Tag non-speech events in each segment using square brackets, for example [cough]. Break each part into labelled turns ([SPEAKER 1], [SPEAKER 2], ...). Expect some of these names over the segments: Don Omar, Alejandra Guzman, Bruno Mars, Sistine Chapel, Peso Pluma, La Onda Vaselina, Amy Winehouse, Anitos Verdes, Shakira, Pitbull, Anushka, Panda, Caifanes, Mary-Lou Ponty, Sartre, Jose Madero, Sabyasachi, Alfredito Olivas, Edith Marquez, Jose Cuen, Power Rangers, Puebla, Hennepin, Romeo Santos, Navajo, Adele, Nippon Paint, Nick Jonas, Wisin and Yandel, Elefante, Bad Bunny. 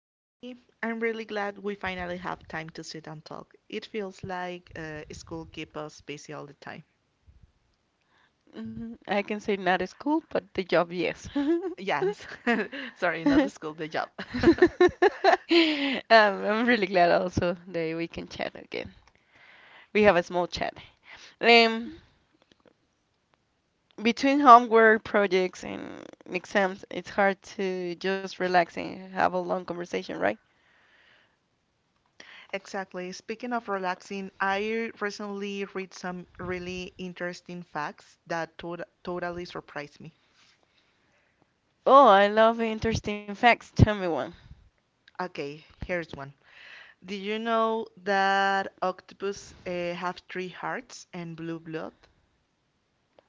[SPEAKER 1] Hi, Connie. I'm really glad we finally have time to sit and talk. It feels like school keeps us busy all the time.
[SPEAKER 2] Mhm. I can say not school, but the job, yes.
[SPEAKER 1] Yes, [laughs] sorry, not the
[SPEAKER 2] [laughs]
[SPEAKER 1] school, the job. [laughs]
[SPEAKER 2] I'm really glad also that we can chat again. We have a small chat. Um, Between homework projects and exams, it's hard to just relax and have a long conversation, right?
[SPEAKER 1] Exactly. Speaking of relaxing, I recently read some really interesting facts that totally surprised me.
[SPEAKER 2] Oh, I love interesting facts. Tell me one.
[SPEAKER 1] Okay, here's one. Did you know that octopus have three hearts and blue blood?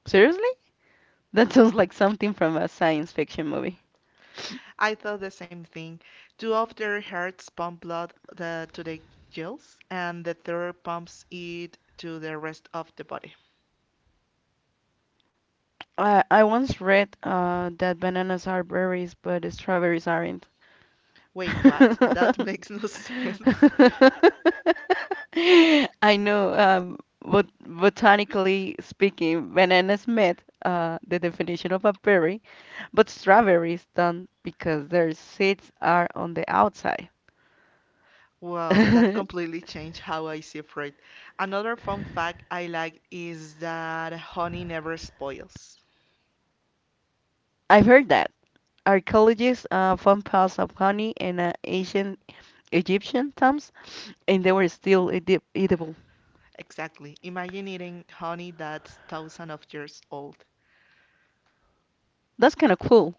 [SPEAKER 2] Seriously? That sounds like something from a science fiction movie.
[SPEAKER 1] I thought the same thing. Two of their hearts pump blood to the gills, and the third pumps it to the rest of the body.
[SPEAKER 2] I once read that bananas are berries, but strawberries aren't.
[SPEAKER 1] Wait,
[SPEAKER 2] [laughs]
[SPEAKER 1] what? That makes no [laughs] sense.
[SPEAKER 2] I know, botanically speaking, bananas met the definition of a berry, but strawberries don't because their seeds are on the outside. [laughs]
[SPEAKER 1] Wow, that
[SPEAKER 2] I've
[SPEAKER 1] completely changed how I see fruit. Another fun fact I like is that honey never spoils.
[SPEAKER 2] heard that. Archaeologists found piles of honey in ancient Egyptian tombs, and they were still eatable.
[SPEAKER 1] Exactly. Imagine eating honey that's thousands of years old.
[SPEAKER 2] That's kind of cool,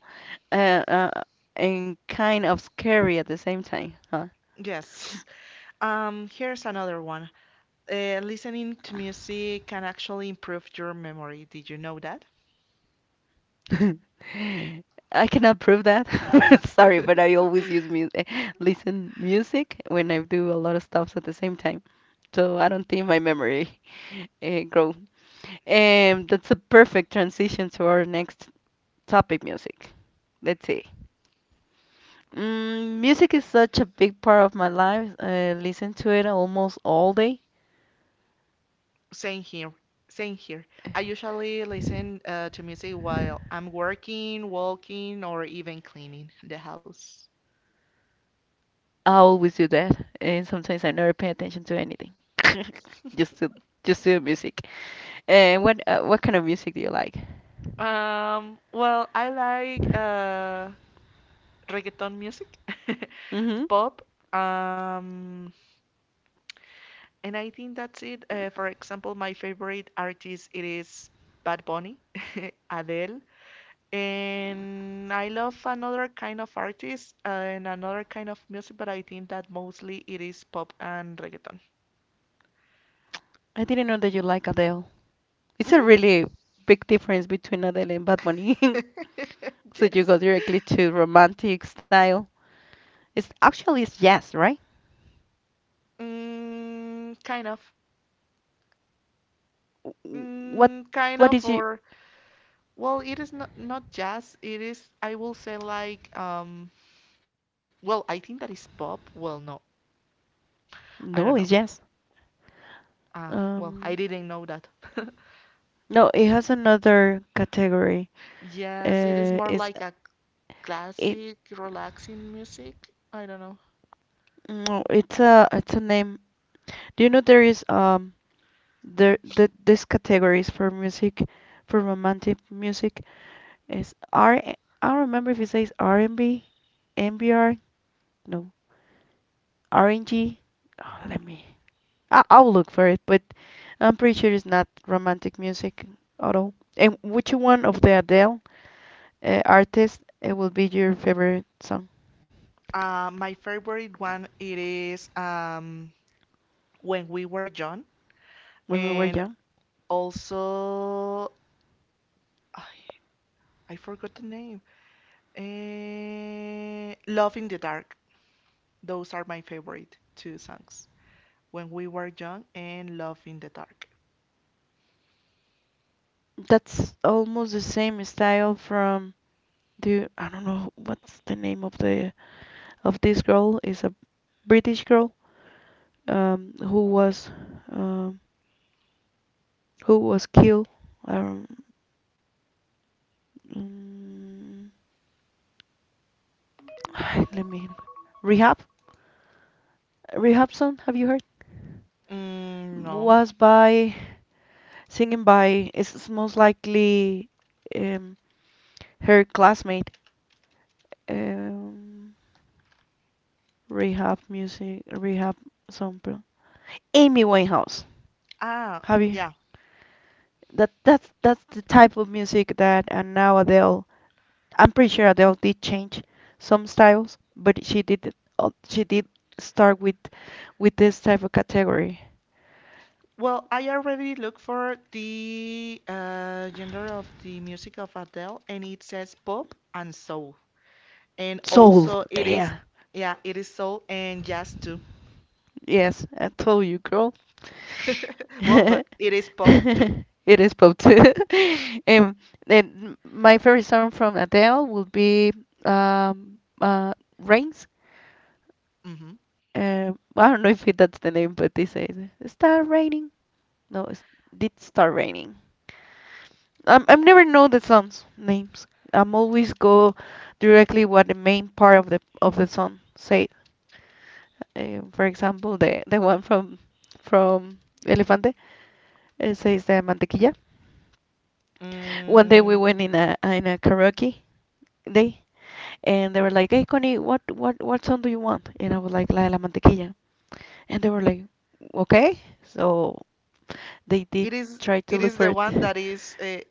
[SPEAKER 2] uh, uh, and kind of scary at the same time, huh?
[SPEAKER 1] Yes. Here's another one. Listening to music can actually improve your memory. Did you know that?
[SPEAKER 2] [laughs] I cannot prove that. [laughs] Sorry, but
[SPEAKER 1] [laughs]
[SPEAKER 2] I always use music, listen music when I do a lot of stuffs at the same time. So I don't think my memory grow. That's a perfect transition to our next topic, music. Let's see. Mm, music is such a big part of my life. I listen to it almost all day.
[SPEAKER 1] Same here. Same here. I usually listen to music while I'm working, walking, or even cleaning the house.
[SPEAKER 2] I always do that, and sometimes I never pay attention to anything. [laughs] Just to just to the music. And what what kind of music do you like?
[SPEAKER 1] Well, I like reggaeton music, [laughs]
[SPEAKER 2] Mm-hmm.
[SPEAKER 1] pop, um, and I think that's it. For example, my favorite artist it is Bad Bunny, [laughs] Adele. And I love another kind of artist and another kind of music, but I think that mostly it is pop and reggaeton.
[SPEAKER 2] I didn't know that you like Adele. It's a
[SPEAKER 1] Hmm.
[SPEAKER 2] really big difference between Adele and Bad Bunny. [laughs]
[SPEAKER 1] [laughs]
[SPEAKER 2] So you
[SPEAKER 1] Yes.
[SPEAKER 2] go directly to romantic style. It's actually it's jazz, right?
[SPEAKER 1] Mm, kind of.
[SPEAKER 2] W- What
[SPEAKER 1] Mm, kind
[SPEAKER 2] what
[SPEAKER 1] of,
[SPEAKER 2] is you?
[SPEAKER 1] or well, it is not jazz. It is, I will say, like. Well, I think that is pop. Well, no,
[SPEAKER 2] No,
[SPEAKER 1] I
[SPEAKER 2] it's
[SPEAKER 1] don't know.
[SPEAKER 2] jazz.
[SPEAKER 1] Ah, well,
[SPEAKER 2] Um,
[SPEAKER 1] I didn't know that.
[SPEAKER 2] no, it has another category.
[SPEAKER 1] Yes, it is more
[SPEAKER 2] It's
[SPEAKER 1] like a
[SPEAKER 2] it
[SPEAKER 1] classic, relaxing music. I don't know.
[SPEAKER 2] no, it's a name. Do you know there is there, these categories for music, for romantic music is R. I don't remember if it says R&B, MBR, no, RNG. Oh, let me. I'll look for it, but I'm pretty sure it's not romantic music at all. And which one of the Adele artists will be your favorite song?
[SPEAKER 1] My favorite one it is when we were young,
[SPEAKER 2] When we were
[SPEAKER 1] and
[SPEAKER 2] young?
[SPEAKER 1] also I, I forgot the name. Love in the Dark. Those are my favorite two songs. When we were young and Love in the Dark.
[SPEAKER 2] That's almost the same style from the I don't know what's the name of the of this girl, is a British girl um, who was uh, who was killed. Um, mm, [sighs] let me. Rehab, rehab song. Have you heard?
[SPEAKER 1] Mm, no.
[SPEAKER 2] Was by singing by it's most likely um, her classmate. Um, rehab music. Rehab song. Amy Winehouse.
[SPEAKER 1] Ah,
[SPEAKER 2] Have you?
[SPEAKER 1] yeah.
[SPEAKER 2] That that's the type of music that are nowadays. I'm pretty sure Adele did change some styles, but she did start with this type of category.
[SPEAKER 1] Well, I already look for the gender of the music of Adele, and it says pop and soul. And
[SPEAKER 2] Soul.
[SPEAKER 1] also it is,
[SPEAKER 2] Yeah.
[SPEAKER 1] yeah, it is soul and jazz too.
[SPEAKER 2] Yes, I told you, girl.
[SPEAKER 1] [laughs] Well,
[SPEAKER 2] [laughs]
[SPEAKER 1] but it is pop too.
[SPEAKER 2] It is pop too. [laughs] Um, then my favorite song from Adele would be um uh Rains.
[SPEAKER 1] Hmm.
[SPEAKER 2] I don't know if it, that's the name, but they say it start raining. No, it's, did start raining. I'm, I've never know the songs names. I'm always go directly what the main part of the song say. For example, the one from from Elefante, it says the mantequilla. One day we
[SPEAKER 1] Mm,
[SPEAKER 2] went in a karaoke day, and they were like, "Hey Connie, what song do you want?" And I was like, "La de la mantequilla," and they were like, "Okay." So they did
[SPEAKER 1] it is
[SPEAKER 2] try to
[SPEAKER 1] it
[SPEAKER 2] look
[SPEAKER 1] is
[SPEAKER 2] for
[SPEAKER 1] the
[SPEAKER 2] it.
[SPEAKER 1] one
[SPEAKER 2] [laughs]
[SPEAKER 1] that is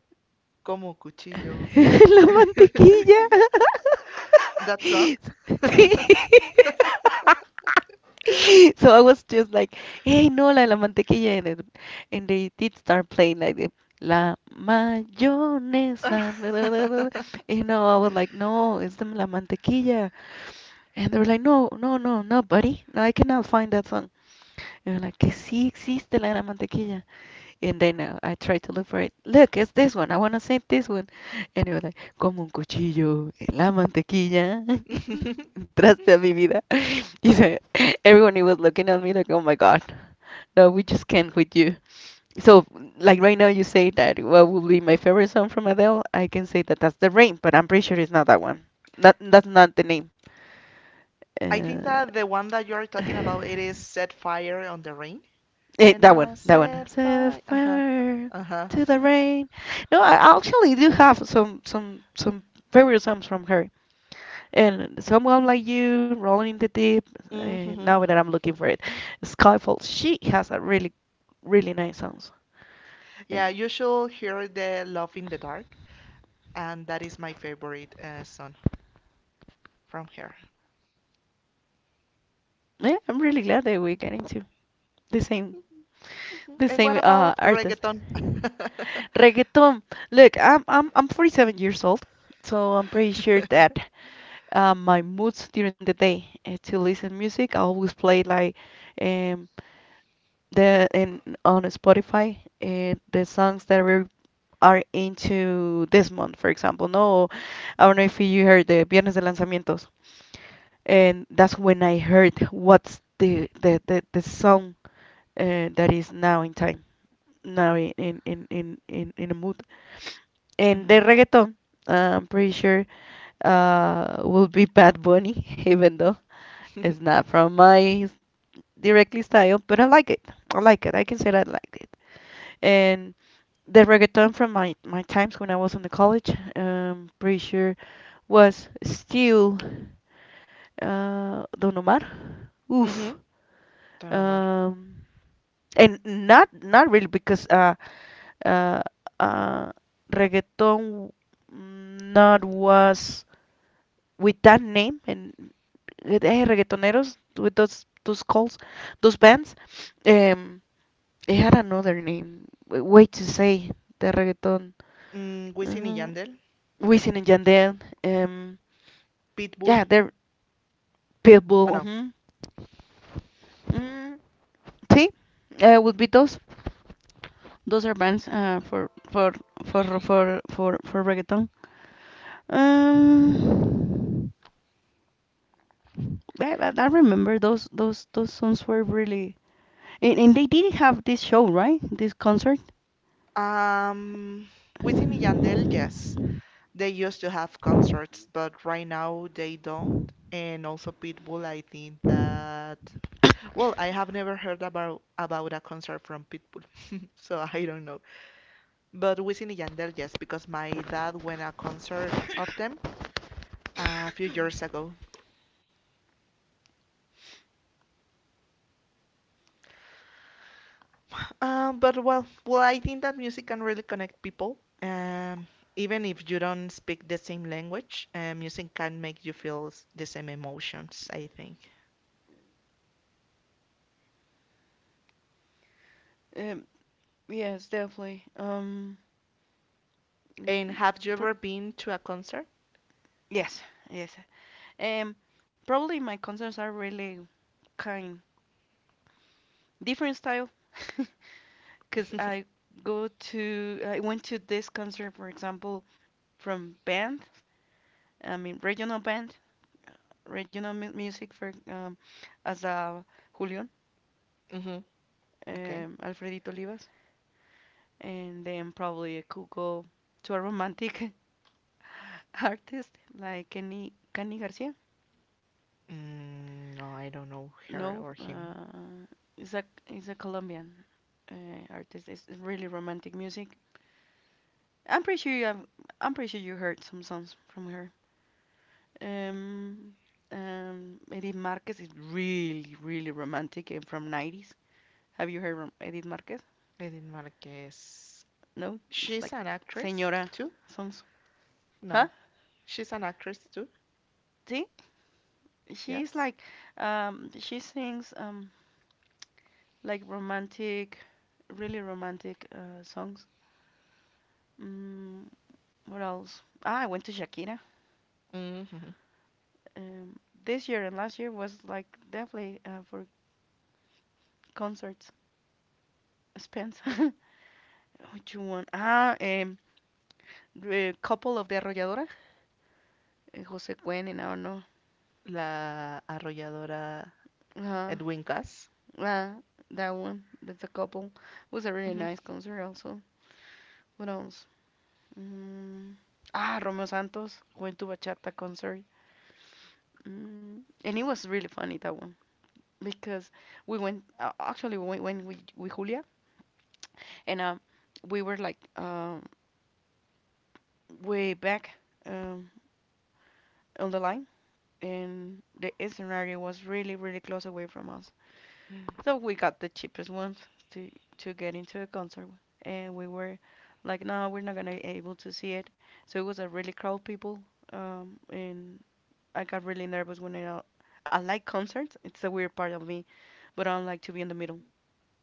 [SPEAKER 1] como cuchillo.
[SPEAKER 2] [laughs] La
[SPEAKER 1] [laughs]
[SPEAKER 2] mantequilla.
[SPEAKER 1] Yeah,
[SPEAKER 2] [laughs]
[SPEAKER 1] that song?
[SPEAKER 2] Sí. [laughs] So I was just like, hey, no, la de la mantequilla. And they did start playing like the la
[SPEAKER 1] [laughs]
[SPEAKER 2] mayonesa.
[SPEAKER 1] I
[SPEAKER 2] [laughs] You know, I was like, no, it's the la mantequilla. And they were like, no, no, no, no, buddy. No, I cannot find that song. And we we're like, que sí existe la de la mantequilla. And then I tried to look for it. Look, it's this one. I want to say this one. And it was like, como un cuchillo en la mantequilla. [laughs] Entraste a mi vida. [laughs] He said, everyone he was looking at me like, oh my God, no, we just can't with you. So, like right now, you say that what would be my favorite song from Adele? I can say that that's The Rain, but I'm pretty sure it's not that one. That's not the name. Uh,
[SPEAKER 1] think that the one that you're talking about it is
[SPEAKER 2] [sighs]
[SPEAKER 1] Set Fire on the Ring.
[SPEAKER 2] Eh,
[SPEAKER 1] And
[SPEAKER 2] that one,
[SPEAKER 1] I
[SPEAKER 2] that one.
[SPEAKER 1] set
[SPEAKER 2] Set
[SPEAKER 1] fire. Uh-huh.
[SPEAKER 2] fire
[SPEAKER 1] Uh-huh.
[SPEAKER 2] to the rain. No, I actually do have some favorite songs from her. And Someone Like You, Rolling in the Deep. Now
[SPEAKER 1] Hmm.
[SPEAKER 2] that I'm looking for it, Skyfall. She has a really really nice songs.
[SPEAKER 1] Yeah,
[SPEAKER 2] Um,
[SPEAKER 1] you should hear the Love in the Dark, and that is my favorite song from her.
[SPEAKER 2] yeah, I'm really glad that we're getting to the same
[SPEAKER 1] Mhm. And what about
[SPEAKER 2] artist.
[SPEAKER 1] reggaeton? [laughs]
[SPEAKER 2] Reggaeton. Look, I'm 47 years old, so I'm pretty sure that my moods during the day to listen music. I always play like um, the in on Spotify the songs that are into this month, for example. No, I don't know if you heard the Viernes de Lanzamientos, and that's when I heard what's the song that is now in time, now in in a mood. And the
[SPEAKER 1] Mhm.
[SPEAKER 2] reggaeton, I'm pretty sure will be Bad Bunny, [laughs] even though it's
[SPEAKER 1] [laughs]
[SPEAKER 2] not from my directly style, but I like it. I like it. I can say that I liked it. And the reggaeton from my, my times when I was in the college, pretty sure, was still Don Omar. Oof.
[SPEAKER 1] Mhm. Don Omar. [laughs]
[SPEAKER 2] Um, and not really because uh, uh, reggaeton, mm, not was with that name and with eh, reggaetoneros with those calls, those bands, um it had another name way to say the reggaeton,
[SPEAKER 1] Mm, Wisin y
[SPEAKER 2] uh,
[SPEAKER 1] Yandel,
[SPEAKER 2] Wisin and Yandel, um yeah
[SPEAKER 1] Pitbull.
[SPEAKER 2] they're Pitbull,
[SPEAKER 1] Oh no.
[SPEAKER 2] mhm. Mm, see, would be those. Those are bands for for for for reggaeton. Um, I remember those songs were really and they did have this show, right? This concert.
[SPEAKER 1] Um, Wisin y Yandel, yes.
[SPEAKER 2] Um,
[SPEAKER 1] They used to have concerts, but right now they don't. And also Pitbull, I think that well, I have never heard about a concert from Pitbull, [laughs] so I don't know. But Wisin y Yandel, yes, because my dad went a concert of them a few years ago. But well, I think that music can really connect people. Even if you don't speak the same language, music can make you feel the same emotions, I think.
[SPEAKER 2] yes, definitely.
[SPEAKER 1] And
[SPEAKER 2] Mm,
[SPEAKER 1] have you
[SPEAKER 2] per-
[SPEAKER 1] ever been to a concert? [laughs]
[SPEAKER 2] yes, yes. Um, probably my concerts are really kind different style, [laughs] cause I went to this concert, for example, from band. I mean regional band, music for as a Julian,
[SPEAKER 1] Mm-hmm. Okay.
[SPEAKER 2] Alfredito Olivas. And then probably I could go to a romantic [laughs] artist like Kenny Garcia.
[SPEAKER 1] Mm, no, I don't know her
[SPEAKER 2] No,
[SPEAKER 1] or him.
[SPEAKER 2] is a is a Colombian uh, artist. It's really romantic music. I'm pretty sure you have. I'm pretty sure you heard some songs from her. Um, Edith Marquez is really really romantic and from 90s. Have you heard from Edith Marquez?
[SPEAKER 1] I didn't want to guess.
[SPEAKER 2] No, it's like
[SPEAKER 1] She's an actress
[SPEAKER 2] señora
[SPEAKER 1] too?
[SPEAKER 2] songs. Huh?
[SPEAKER 1] No, she's an actress too.
[SPEAKER 2] See, she's
[SPEAKER 1] Yes.
[SPEAKER 2] like, she sings like romantic, really romantic songs. Mm, what else? Ah, I went to Shakira.
[SPEAKER 1] Mm-hmm.
[SPEAKER 2] Um, this year and last year was like definitely for concerts. Spence. [laughs] Which one? The couple of the Arrolladora. Eh, Jose Cuen and I don't know.
[SPEAKER 1] La arrolladora
[SPEAKER 2] Uh,
[SPEAKER 1] Edwin Cass.
[SPEAKER 2] uh, that one. That's a couple. It was a really nice concert also. What else? Mm, ah, Romeo Santos, went to Bachata concert. Mm, and it was really funny that one, because we went actually we went with Julia and we were like way back, um on the line, and the scenario was really really close away from us,
[SPEAKER 1] Mm-hmm.
[SPEAKER 2] so we got the cheapest ones to get into a concert, and we were like no we're not gonna able to see it, so it was a really crowd people, and I got really nervous when I like concerts, it's a weird part of me, but I don't like to be in the middle.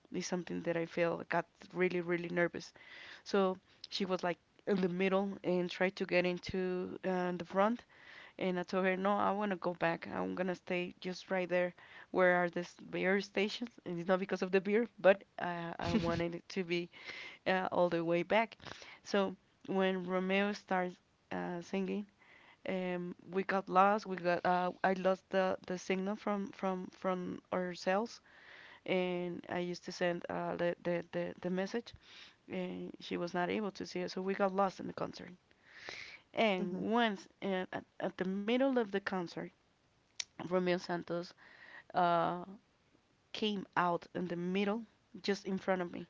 [SPEAKER 2] It's something that I feel got really, really nervous. So she was like in the middle and tried to get into the front. And I told her, no, I want to go back. I'm going to stay just right there where are the beer stations. And it's not because of the beer, but I wanted it to be all the way back. So when Romeo starts singing, we got lost. We got I lost the signal from our cells, and I used to send the message, and she was not able to see it, so we got lost in the concert. And
[SPEAKER 1] [laughs]
[SPEAKER 2] once and at the middle of the concert, Romeo Santos uh, came out in the middle, just in front of me.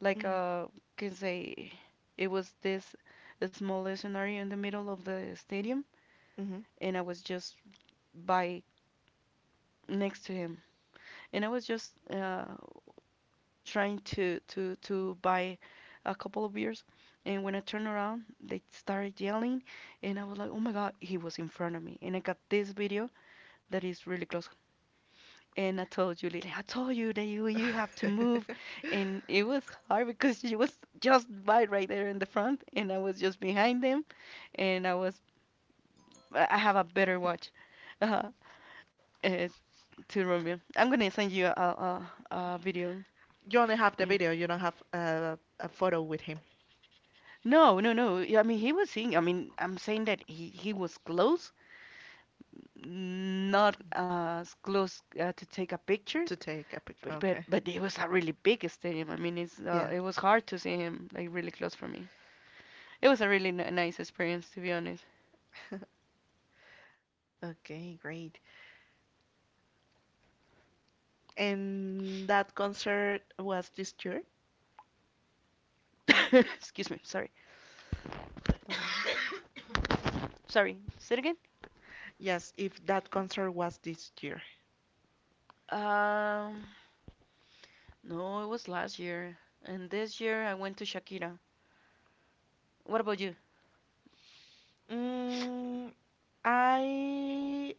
[SPEAKER 2] Like
[SPEAKER 1] Mm,
[SPEAKER 2] uh, can say, it was this small scenario in the middle of the stadium,
[SPEAKER 1] mhm.
[SPEAKER 2] and I was just by next to him, and I was just trying to buy a couple of beers. And when I turned around, they started yelling, and I was like, oh my god, he was in front of me, and I got this video that is really close. And I told Julie, I told you that you have to move.
[SPEAKER 1] [laughs]
[SPEAKER 2] And it was hard because she was just right there in the front, and I was just behind them. And I was, I have a better watch, uh, uh, to Romeo, I'm gonna send you a video.
[SPEAKER 1] You only have the
[SPEAKER 2] uh,
[SPEAKER 1] video, you don't have a photo with him
[SPEAKER 2] No, no, no. Yeah, I mean, he was seeing. I mean, I'm saying that he was close, not as close to take a picture,
[SPEAKER 1] to take a picture.
[SPEAKER 2] but
[SPEAKER 1] Okay.
[SPEAKER 2] it was a really big stadium. I mean,
[SPEAKER 1] Yeah.
[SPEAKER 2] it was hard to see him like really close for me. It was a really nice experience, to be honest.
[SPEAKER 1] Okay, great. And that concert was this year?
[SPEAKER 2] [coughs] Excuse me. Sorry.
[SPEAKER 1] The one.
[SPEAKER 2] [coughs] Sorry. Say it again.
[SPEAKER 1] Yes, if that concert was this year.
[SPEAKER 2] Um, no, it was last year, and this year I went to Shakira. What about you?
[SPEAKER 1] Mm, I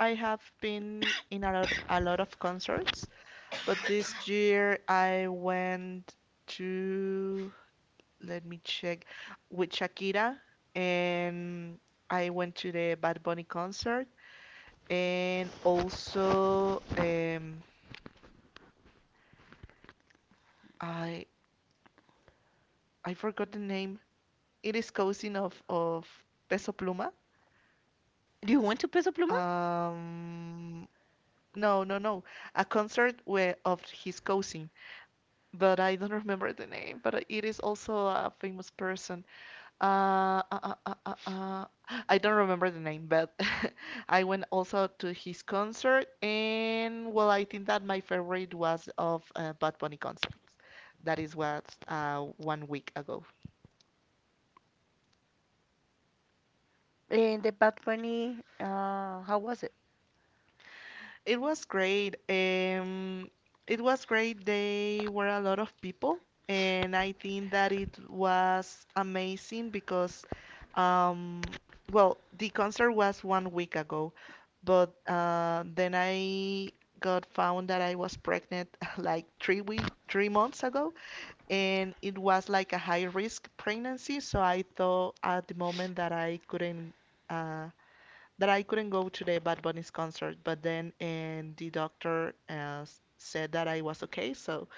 [SPEAKER 1] I have been in a lot of concerts, but this
[SPEAKER 2] [coughs]
[SPEAKER 1] year I went to let me check, with Shakira, and I went to the Bad Bunny concert, and also I I forgot the name. It is cousin of Peso Pluma.
[SPEAKER 2] Do you want to Peso Pluma?
[SPEAKER 1] Um, no, no, no, a concert where of his cousin, but I don't [laughs] remember the name. But it is also a famous person. Uh, uh, uh, uh, uh, uh, I don't remember the name, but [laughs] I went also to his concert, and well, I think that my favorite was of Bad Bunny concerts. That is what one week ago.
[SPEAKER 2] And the Bad Bunny, how was it?
[SPEAKER 1] It was great. It was great. They were a lot of people, and I think that it was amazing because, um, well, the concert was one week ago, but then I got found that I was pregnant [laughs] like 3 months ago, and it was like a high risk pregnancy. So I thought at the moment that uh, I couldn't go to the Bad Bunny's concert, but then and the doctor said that I was okay, so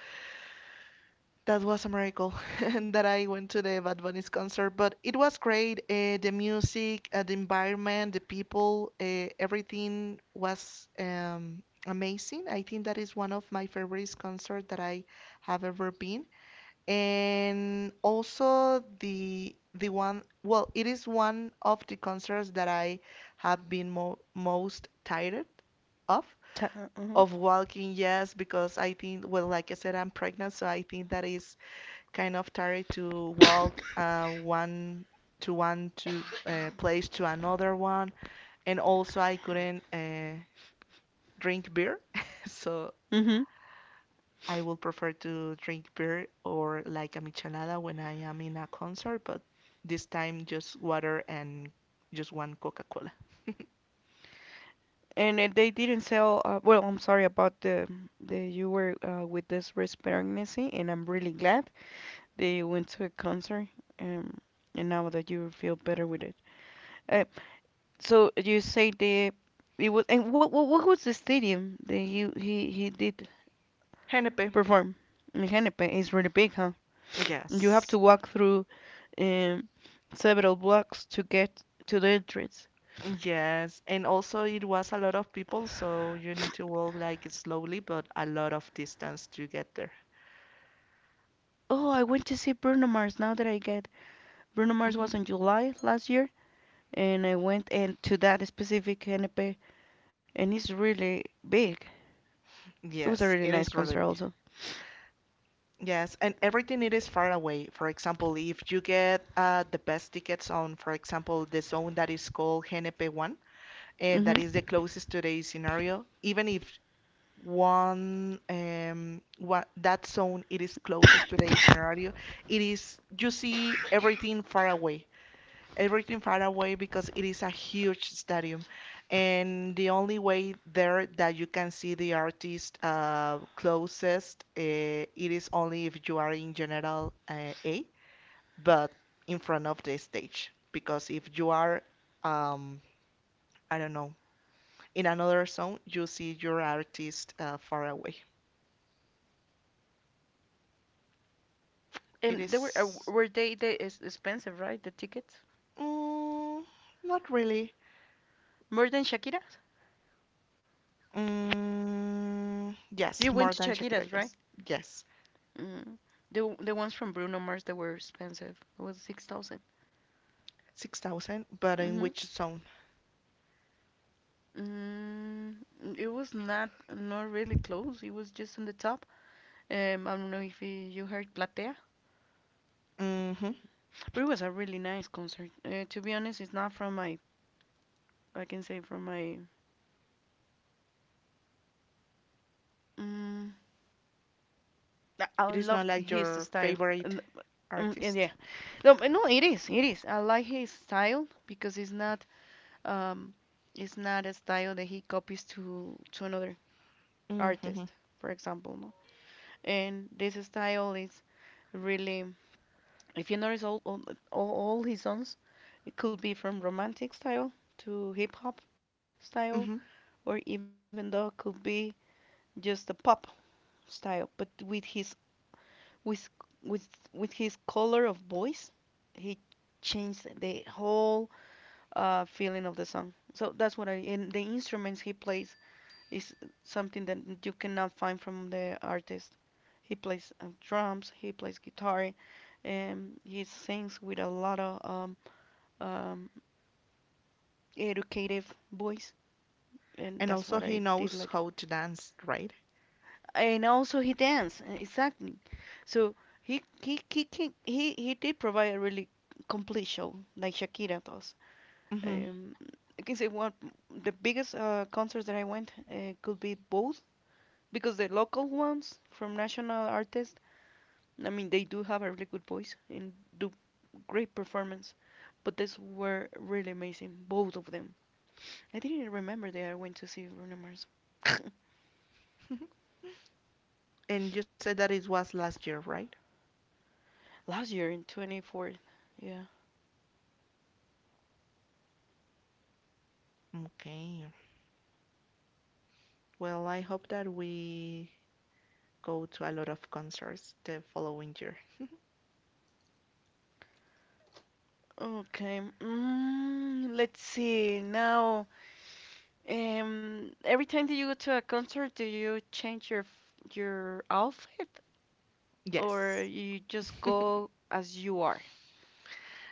[SPEAKER 1] that was a miracle [laughs] and that I went to the Bad Bunny's concert. But it was great. The music, the environment, the people, everything was amazing. I think that is one of my favorite concerts that I have ever been. And also the one, well, it is one of the concerts that I have been mo most tired of
[SPEAKER 2] Mm-hmm.
[SPEAKER 1] of walking, yes, because I think, well, like I said, I'm pregnant, so I think that is kind of tired to walk one to place to another one, and also I couldn't drink beer, [laughs] so
[SPEAKER 2] Mm-hmm.
[SPEAKER 1] I would prefer to drink beer or like a michelada when I am in a concert, but this time just water and just one Coca-Cola.
[SPEAKER 2] And they didn't sell. Well, I'm sorry about the you were with this wrist pregnancy, and I'm really glad that you went to a concert. Um, and now that you feel better with it. Uh, so you say the it was, and what was the stadium that he did
[SPEAKER 1] Genepé,
[SPEAKER 2] perform in Hennepin? It's really big, huh? You have to
[SPEAKER 1] yes.
[SPEAKER 2] walk through um several blocks to get to the entrance.
[SPEAKER 1] Yes, and also it was a lot of people, so you need to walk like slowly, but a lot of distance to get there.
[SPEAKER 2] Oh, I went to see Bruno Mars, now that I get. Bruno Mars was
[SPEAKER 1] Hmm.
[SPEAKER 2] in July last year, and I went and to that specific NP, and it's really big. It was a really
[SPEAKER 1] Yes,
[SPEAKER 2] nice
[SPEAKER 1] it is
[SPEAKER 2] concert
[SPEAKER 1] really big.
[SPEAKER 2] also.
[SPEAKER 1] Yes, and everything it is far away. For example, if you get the best tickets on, for example, the zone that is called Hennepin 1, that
[SPEAKER 2] Hmm.
[SPEAKER 1] is the closest to the scenario, even if one what that zone it is closest to the scenario, it is you see everything far away because it is a huge stadium, and the only way there that you can see the artist closest it is only if you are in general A, but in front of the stage because if you are um I don't know in another zone, you see your artist far away.
[SPEAKER 2] And
[SPEAKER 1] It
[SPEAKER 2] they
[SPEAKER 1] is
[SPEAKER 2] were they is expensive, right? The tickets
[SPEAKER 1] mm, not really.
[SPEAKER 2] more than Shakira's.
[SPEAKER 1] Mm,
[SPEAKER 2] You
[SPEAKER 1] yes,
[SPEAKER 2] went to
[SPEAKER 1] more than
[SPEAKER 2] Shakira's,
[SPEAKER 1] Shakira.
[SPEAKER 2] right?
[SPEAKER 1] Yes, yes,
[SPEAKER 2] Mm. The ones from Bruno Mars that were expensive, it was 6,000.
[SPEAKER 1] 6,000. But in
[SPEAKER 2] Mm-hmm.
[SPEAKER 1] which zone?
[SPEAKER 2] Mm, it was not really close. It was just on the top. I don't know if you heard Platea.
[SPEAKER 1] Hmm.
[SPEAKER 2] But it was a really nice concert. To be honest, it's not from my, I can say from my, mm, I
[SPEAKER 1] It is
[SPEAKER 2] loved
[SPEAKER 1] not like
[SPEAKER 2] his
[SPEAKER 1] your
[SPEAKER 2] style. And,
[SPEAKER 1] favorite
[SPEAKER 2] and yeah,
[SPEAKER 1] artist.
[SPEAKER 2] no, but no, it is, it is. I like his style because um, it's not a style that he copies to another artist,
[SPEAKER 1] Mm-hmm.
[SPEAKER 2] for example, no. And this style is really, if you notice, all his songs, it could be from romantic style to hip hop style,
[SPEAKER 1] Mm-hmm.
[SPEAKER 2] or even though it could be just a pop style, but with with with his color of voice, he changed the whole feeling of the song. So that's what I, and the instruments he plays is something that you cannot find from the artist. He plays drums, he plays guitar, and he sings with a lot of um, educative voice, and that's
[SPEAKER 1] And
[SPEAKER 2] what
[SPEAKER 1] also,
[SPEAKER 2] I
[SPEAKER 1] he
[SPEAKER 2] did like.
[SPEAKER 1] knows how to dance, right?
[SPEAKER 2] And also he danced, exactly. So he can, he did provide a really complete show like Shakira does.
[SPEAKER 1] Mm-hmm.
[SPEAKER 2] Um, I can say one the biggest concerts that I went could be both because the local ones from national artists. I mean, they do have a really good voice and do great performance, but these were really amazing, both of them. I didn't remember that I went to see Bruno Mars.
[SPEAKER 1] [laughs] And you said that it was last year, right?
[SPEAKER 2] [laughs] Last year in 24th. Yeah.
[SPEAKER 1] Okay. Well, I hope that we go to a lot of concerts the following year.
[SPEAKER 2] Okay. Mm, let's see. Now, every time that you go to a concert, do you change your your outfit, or
[SPEAKER 1] Yes.
[SPEAKER 2] you just go as you are?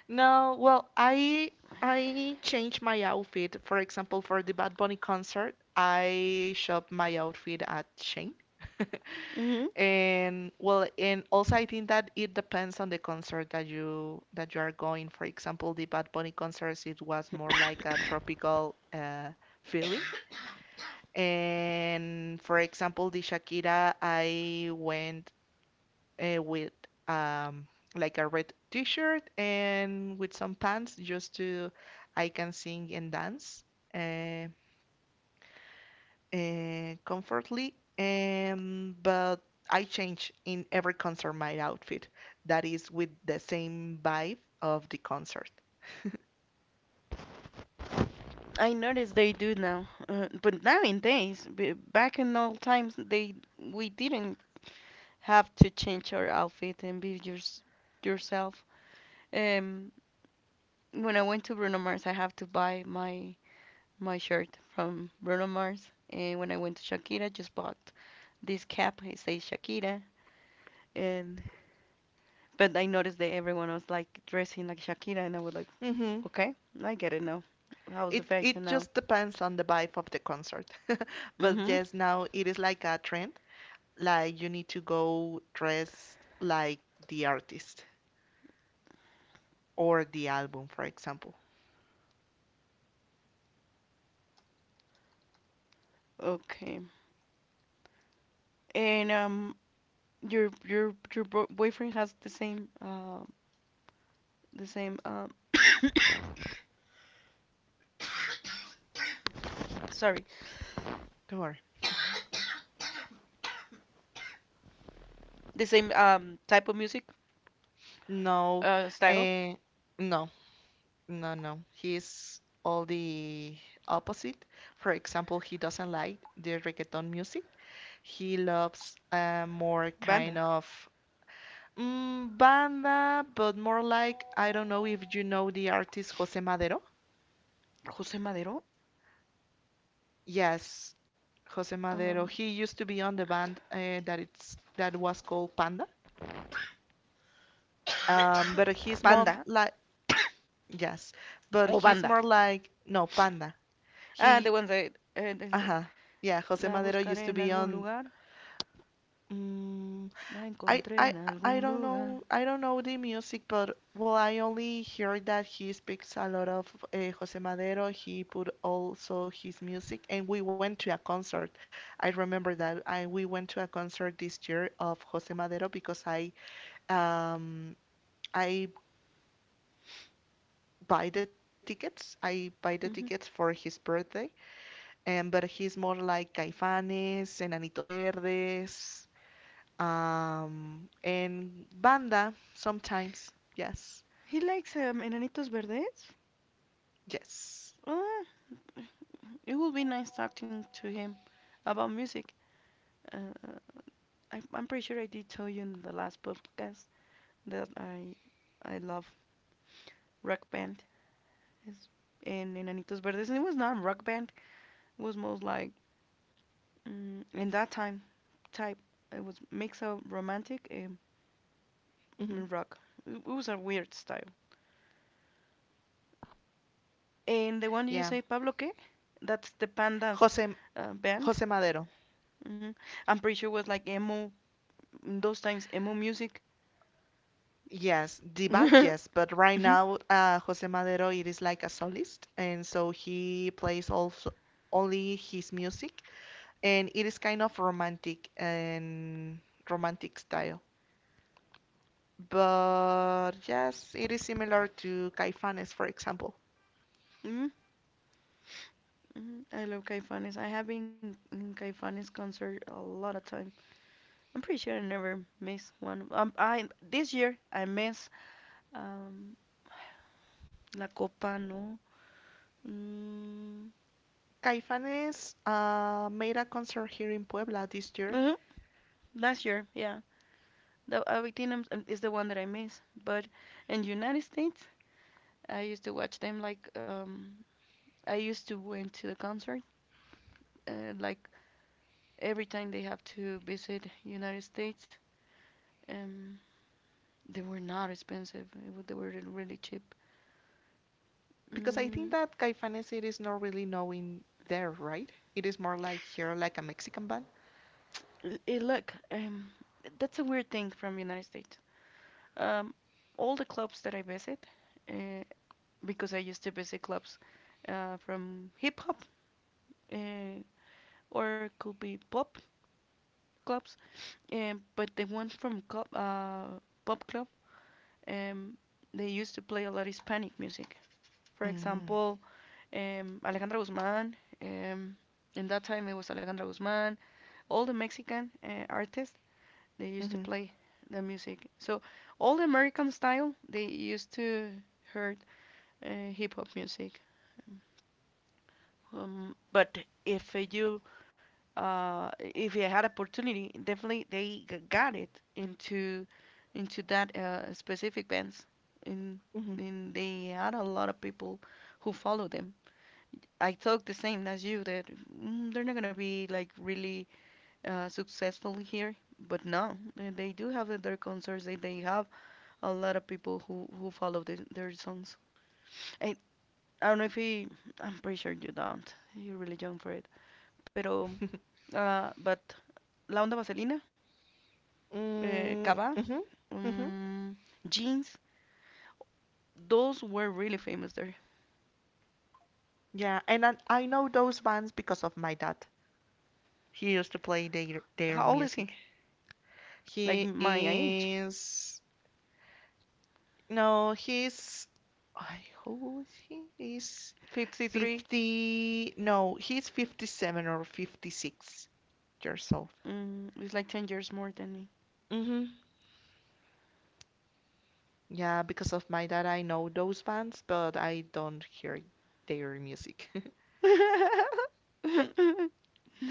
[SPEAKER 1] No, well, I changed my outfit. For example, for the Bad Bunny concert, I shop my outfit at Shein. [laughs]
[SPEAKER 2] Hmm.
[SPEAKER 1] And well, and also I think that it depends on the concert that you are going. For example, the Bad Bunny concerts, it was more like a
[SPEAKER 2] [coughs]
[SPEAKER 1] tropical feeling. And for example, the Shakira, I went with um, like a red t-shirt and with some pants just to I can sing and dance uh, comfortably. But I change in every concert my outfit that is with the same vibe of the concert.
[SPEAKER 2] I noticed they do now, but nowadays, back in old times, they we didn't have to change our outfit and be yours yourself. Um, when I went to Bruno Mars, I have to buy my shirt from Bruno Mars. And when I went to Shakira, just bought this cap. It says Shakira. And but I noticed that everyone was like dressing like Shakira, and I was like,
[SPEAKER 1] Hmm.
[SPEAKER 2] okay, I get it now. How's the
[SPEAKER 1] It
[SPEAKER 2] fashion
[SPEAKER 1] it
[SPEAKER 2] now?
[SPEAKER 1] just depends on the vibe of the concert.
[SPEAKER 2] Mm-hmm.
[SPEAKER 1] But yes, now it is like a trend. Like you need to go dress like the artist or the album, for example.
[SPEAKER 2] Okay. And your boyfriend has the same [coughs] sorry
[SPEAKER 1] Thor.
[SPEAKER 2] the same type of music
[SPEAKER 1] No,
[SPEAKER 2] style
[SPEAKER 1] eh, no, no, no. He's all the opposite. For example, he doesn't like the reggaeton music. He loves more
[SPEAKER 2] banda
[SPEAKER 1] kind of banda, but more like, I don't know if you know the artist Jose Madero.
[SPEAKER 2] Jose Madero
[SPEAKER 1] Yes, Jose
[SPEAKER 2] um
[SPEAKER 1] Madero. He used to be on the band that was called Panda. But
[SPEAKER 2] [coughs]
[SPEAKER 1] he's more
[SPEAKER 2] Panda
[SPEAKER 1] like
[SPEAKER 2] [coughs]
[SPEAKER 1] yes,
[SPEAKER 2] O
[SPEAKER 1] but
[SPEAKER 2] banda.
[SPEAKER 1] he's more like no Panda.
[SPEAKER 2] Ah, the ones
[SPEAKER 1] He.
[SPEAKER 2] that, eh, they say,
[SPEAKER 1] Uh-huh. Yeah,
[SPEAKER 2] La
[SPEAKER 1] Jose Madero
[SPEAKER 2] buscaré en
[SPEAKER 1] used to
[SPEAKER 2] algún
[SPEAKER 1] be on
[SPEAKER 2] lugar.
[SPEAKER 1] mm,
[SPEAKER 2] La
[SPEAKER 1] I
[SPEAKER 2] encontré en
[SPEAKER 1] I
[SPEAKER 2] algún
[SPEAKER 1] I don't
[SPEAKER 2] lugar.
[SPEAKER 1] know I don't know the music, but well, I only heard that he speaks a lot of Jose Madero. He put also his music, and we went to a concert. I remember that I we went to a concert this year of Jose Madero because um I buy the tickets. I buy the tickets
[SPEAKER 2] Mhm.
[SPEAKER 1] for his birthday, and but he's more like Caifanes and Anitos Verdes and banda sometimes. Yes,
[SPEAKER 2] He likes Enanitos Verdes.
[SPEAKER 1] yes.
[SPEAKER 2] Oh, it would be nice talking to him about music. Uh, I'm pretty sure I did tell you in the last podcast that I love Rock Band. It's- and Enanitos Verdes. And it was not Rock Band. It was most like mm, in that time type. It was mix of romantic and mm,
[SPEAKER 1] Hmm.
[SPEAKER 2] rock. It was a weird style. And the one you say,
[SPEAKER 1] Yeah,
[SPEAKER 2] Pablo Que? That's the Pandas
[SPEAKER 1] Jose
[SPEAKER 2] band.
[SPEAKER 1] Jose Madero.
[SPEAKER 2] Hmm. I'm pretty sure it was like emo, those times, emo music.
[SPEAKER 1] Yes, the
[SPEAKER 2] [laughs]
[SPEAKER 1] band, yes, but right
[SPEAKER 2] Mhm,
[SPEAKER 1] now, Jose Madero, it is like a solist, and so he plays also only his music, and it is kind of romantic and romantic style. But yes, it is similar to Caifanes, for example.
[SPEAKER 2] mhm, mhm. I love Caifanes. I have been in Caifanes concert a lot of time. I'm pretty sure I never miss one. I this year I miss um La Copa, no. Mm,
[SPEAKER 1] Caifanes made a concert here in Puebla this year,
[SPEAKER 2] mhm, last year, yeah. The Avitinum is the one that I miss. But in United States, I used to watch them like I used to went to the concert like every time they have to visit United States. Um, they were not expensive. They were really cheap.
[SPEAKER 1] because I
[SPEAKER 2] Mm,
[SPEAKER 1] think that Caifanes it is not really knowing there, right? It is more like here, like a Mexican band.
[SPEAKER 2] look, that's a weird thing from United States. Um, all the clubs that I visit, uh, because I used to visit clubs from hip hop, uh, or could be pop clubs, and but the one from club, pop club, um, they used to play a lot of Hispanic music. For
[SPEAKER 1] Mm-hmm.
[SPEAKER 2] example, Alejandra Guzman. Um, in that time, it was Alejandra Guzman. All the Mexican artists, they used to play
[SPEAKER 1] Mm-hmm.
[SPEAKER 2] the music. So all the American style they used to heard hip hop music. But if you if they had opportunity, definitely they got it into that specific bands. And,
[SPEAKER 1] Mm-hmm.
[SPEAKER 2] and they had a lot of people who follow them. I thought the same as you that mm, they're not gonna be like really successful here, but no, they do have their concerts. They have a lot of people who follow their songs. I, I don't know if he, I'm pretty sure you don't. You're really young for it. Pero,
[SPEAKER 1] [laughs]
[SPEAKER 2] but La Onda Vaselina Kaba,
[SPEAKER 1] Mm, mhm, mhm.
[SPEAKER 2] um, jeans. Those were really famous there.
[SPEAKER 1] Yeah, and I know those bands because of my dad. He used to play their
[SPEAKER 2] How old
[SPEAKER 1] their
[SPEAKER 2] is he?
[SPEAKER 1] music.
[SPEAKER 2] Like
[SPEAKER 1] He
[SPEAKER 2] my age.
[SPEAKER 1] is, no, he's, I, who is he? He's
[SPEAKER 2] 53.
[SPEAKER 1] 50, no, he's 57 or 56 years old.
[SPEAKER 2] Mm, it's like 10 years more than me.
[SPEAKER 1] Mhm. Yeah, because of my dad, I know those bands, but I don't hear their music. [laughs]
[SPEAKER 2] [laughs]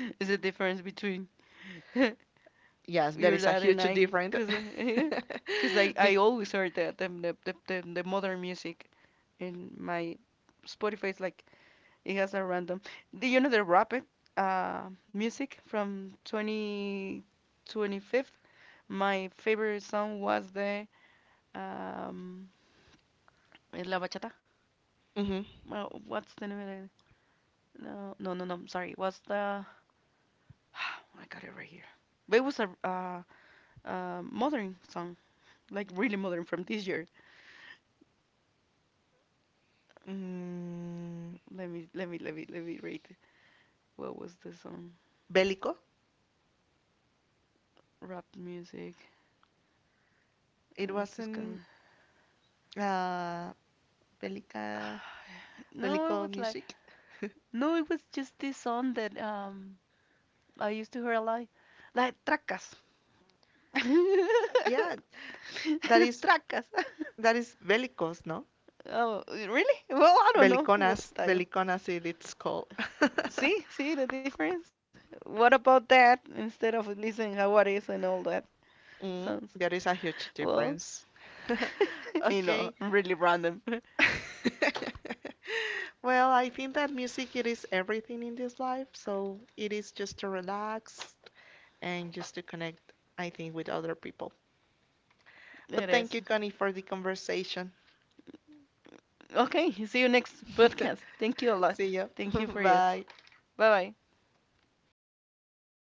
[SPEAKER 2] It's the difference between [laughs]
[SPEAKER 1] Yes,
[SPEAKER 2] your
[SPEAKER 1] there
[SPEAKER 2] dad
[SPEAKER 1] is a
[SPEAKER 2] and
[SPEAKER 1] huge
[SPEAKER 2] I. Because
[SPEAKER 1] difference.
[SPEAKER 2] [laughs] cause
[SPEAKER 1] [laughs]
[SPEAKER 2] I
[SPEAKER 1] With,
[SPEAKER 2] always heard that the modern music in my Spotify is like, it has a random. Do you know the rapid uh, music from 20, 25. My favorite song was the um, La Bachata.
[SPEAKER 1] mhm.
[SPEAKER 2] Well, what's the name of it? No, no, no, no. Sorry, was the [sighs] I got it right here. But it was a modern song, like really modern from this year.
[SPEAKER 1] Mm,
[SPEAKER 2] Let me rate. What was the song?
[SPEAKER 1] Bélico.
[SPEAKER 2] Rap music.
[SPEAKER 1] It
[SPEAKER 2] Tuscan.
[SPEAKER 1] wasn't uh,
[SPEAKER 2] Ah,
[SPEAKER 1] Bélica,
[SPEAKER 2] [sighs] No, it was
[SPEAKER 1] Bélico
[SPEAKER 2] like
[SPEAKER 1] music.
[SPEAKER 2] no, it was just this song that I used to hear a lot, like tracas,
[SPEAKER 1] Yeah,
[SPEAKER 2] [laughs]
[SPEAKER 1] that is
[SPEAKER 2] tracas. [laughs]
[SPEAKER 1] that is Bélicos, no?
[SPEAKER 2] Oh, really? Well, I don't know what
[SPEAKER 1] Beliconas,
[SPEAKER 2] style.
[SPEAKER 1] Beliconas it's called.
[SPEAKER 2] See,
[SPEAKER 1] [laughs]
[SPEAKER 2] see the difference? What about that instead of listening how it is and all that? Sounds
[SPEAKER 1] Mm, there is a huge
[SPEAKER 2] well,
[SPEAKER 1] difference. [laughs]
[SPEAKER 2] [laughs] you know, I'm
[SPEAKER 1] Okay.
[SPEAKER 2] really random. [laughs]
[SPEAKER 1] [laughs] Well, I think that music it is everything in this life, so it is just to relax and just to connect, I think, with other people.
[SPEAKER 2] It
[SPEAKER 1] But
[SPEAKER 2] is.
[SPEAKER 1] thank you, Connie, for the conversation.
[SPEAKER 2] Okay, see you next podcast.
[SPEAKER 1] [laughs]
[SPEAKER 2] Thank you a lot.
[SPEAKER 1] See
[SPEAKER 2] Thank
[SPEAKER 1] you.
[SPEAKER 2] you for you.
[SPEAKER 1] [laughs] Bye.
[SPEAKER 2] Bye bye.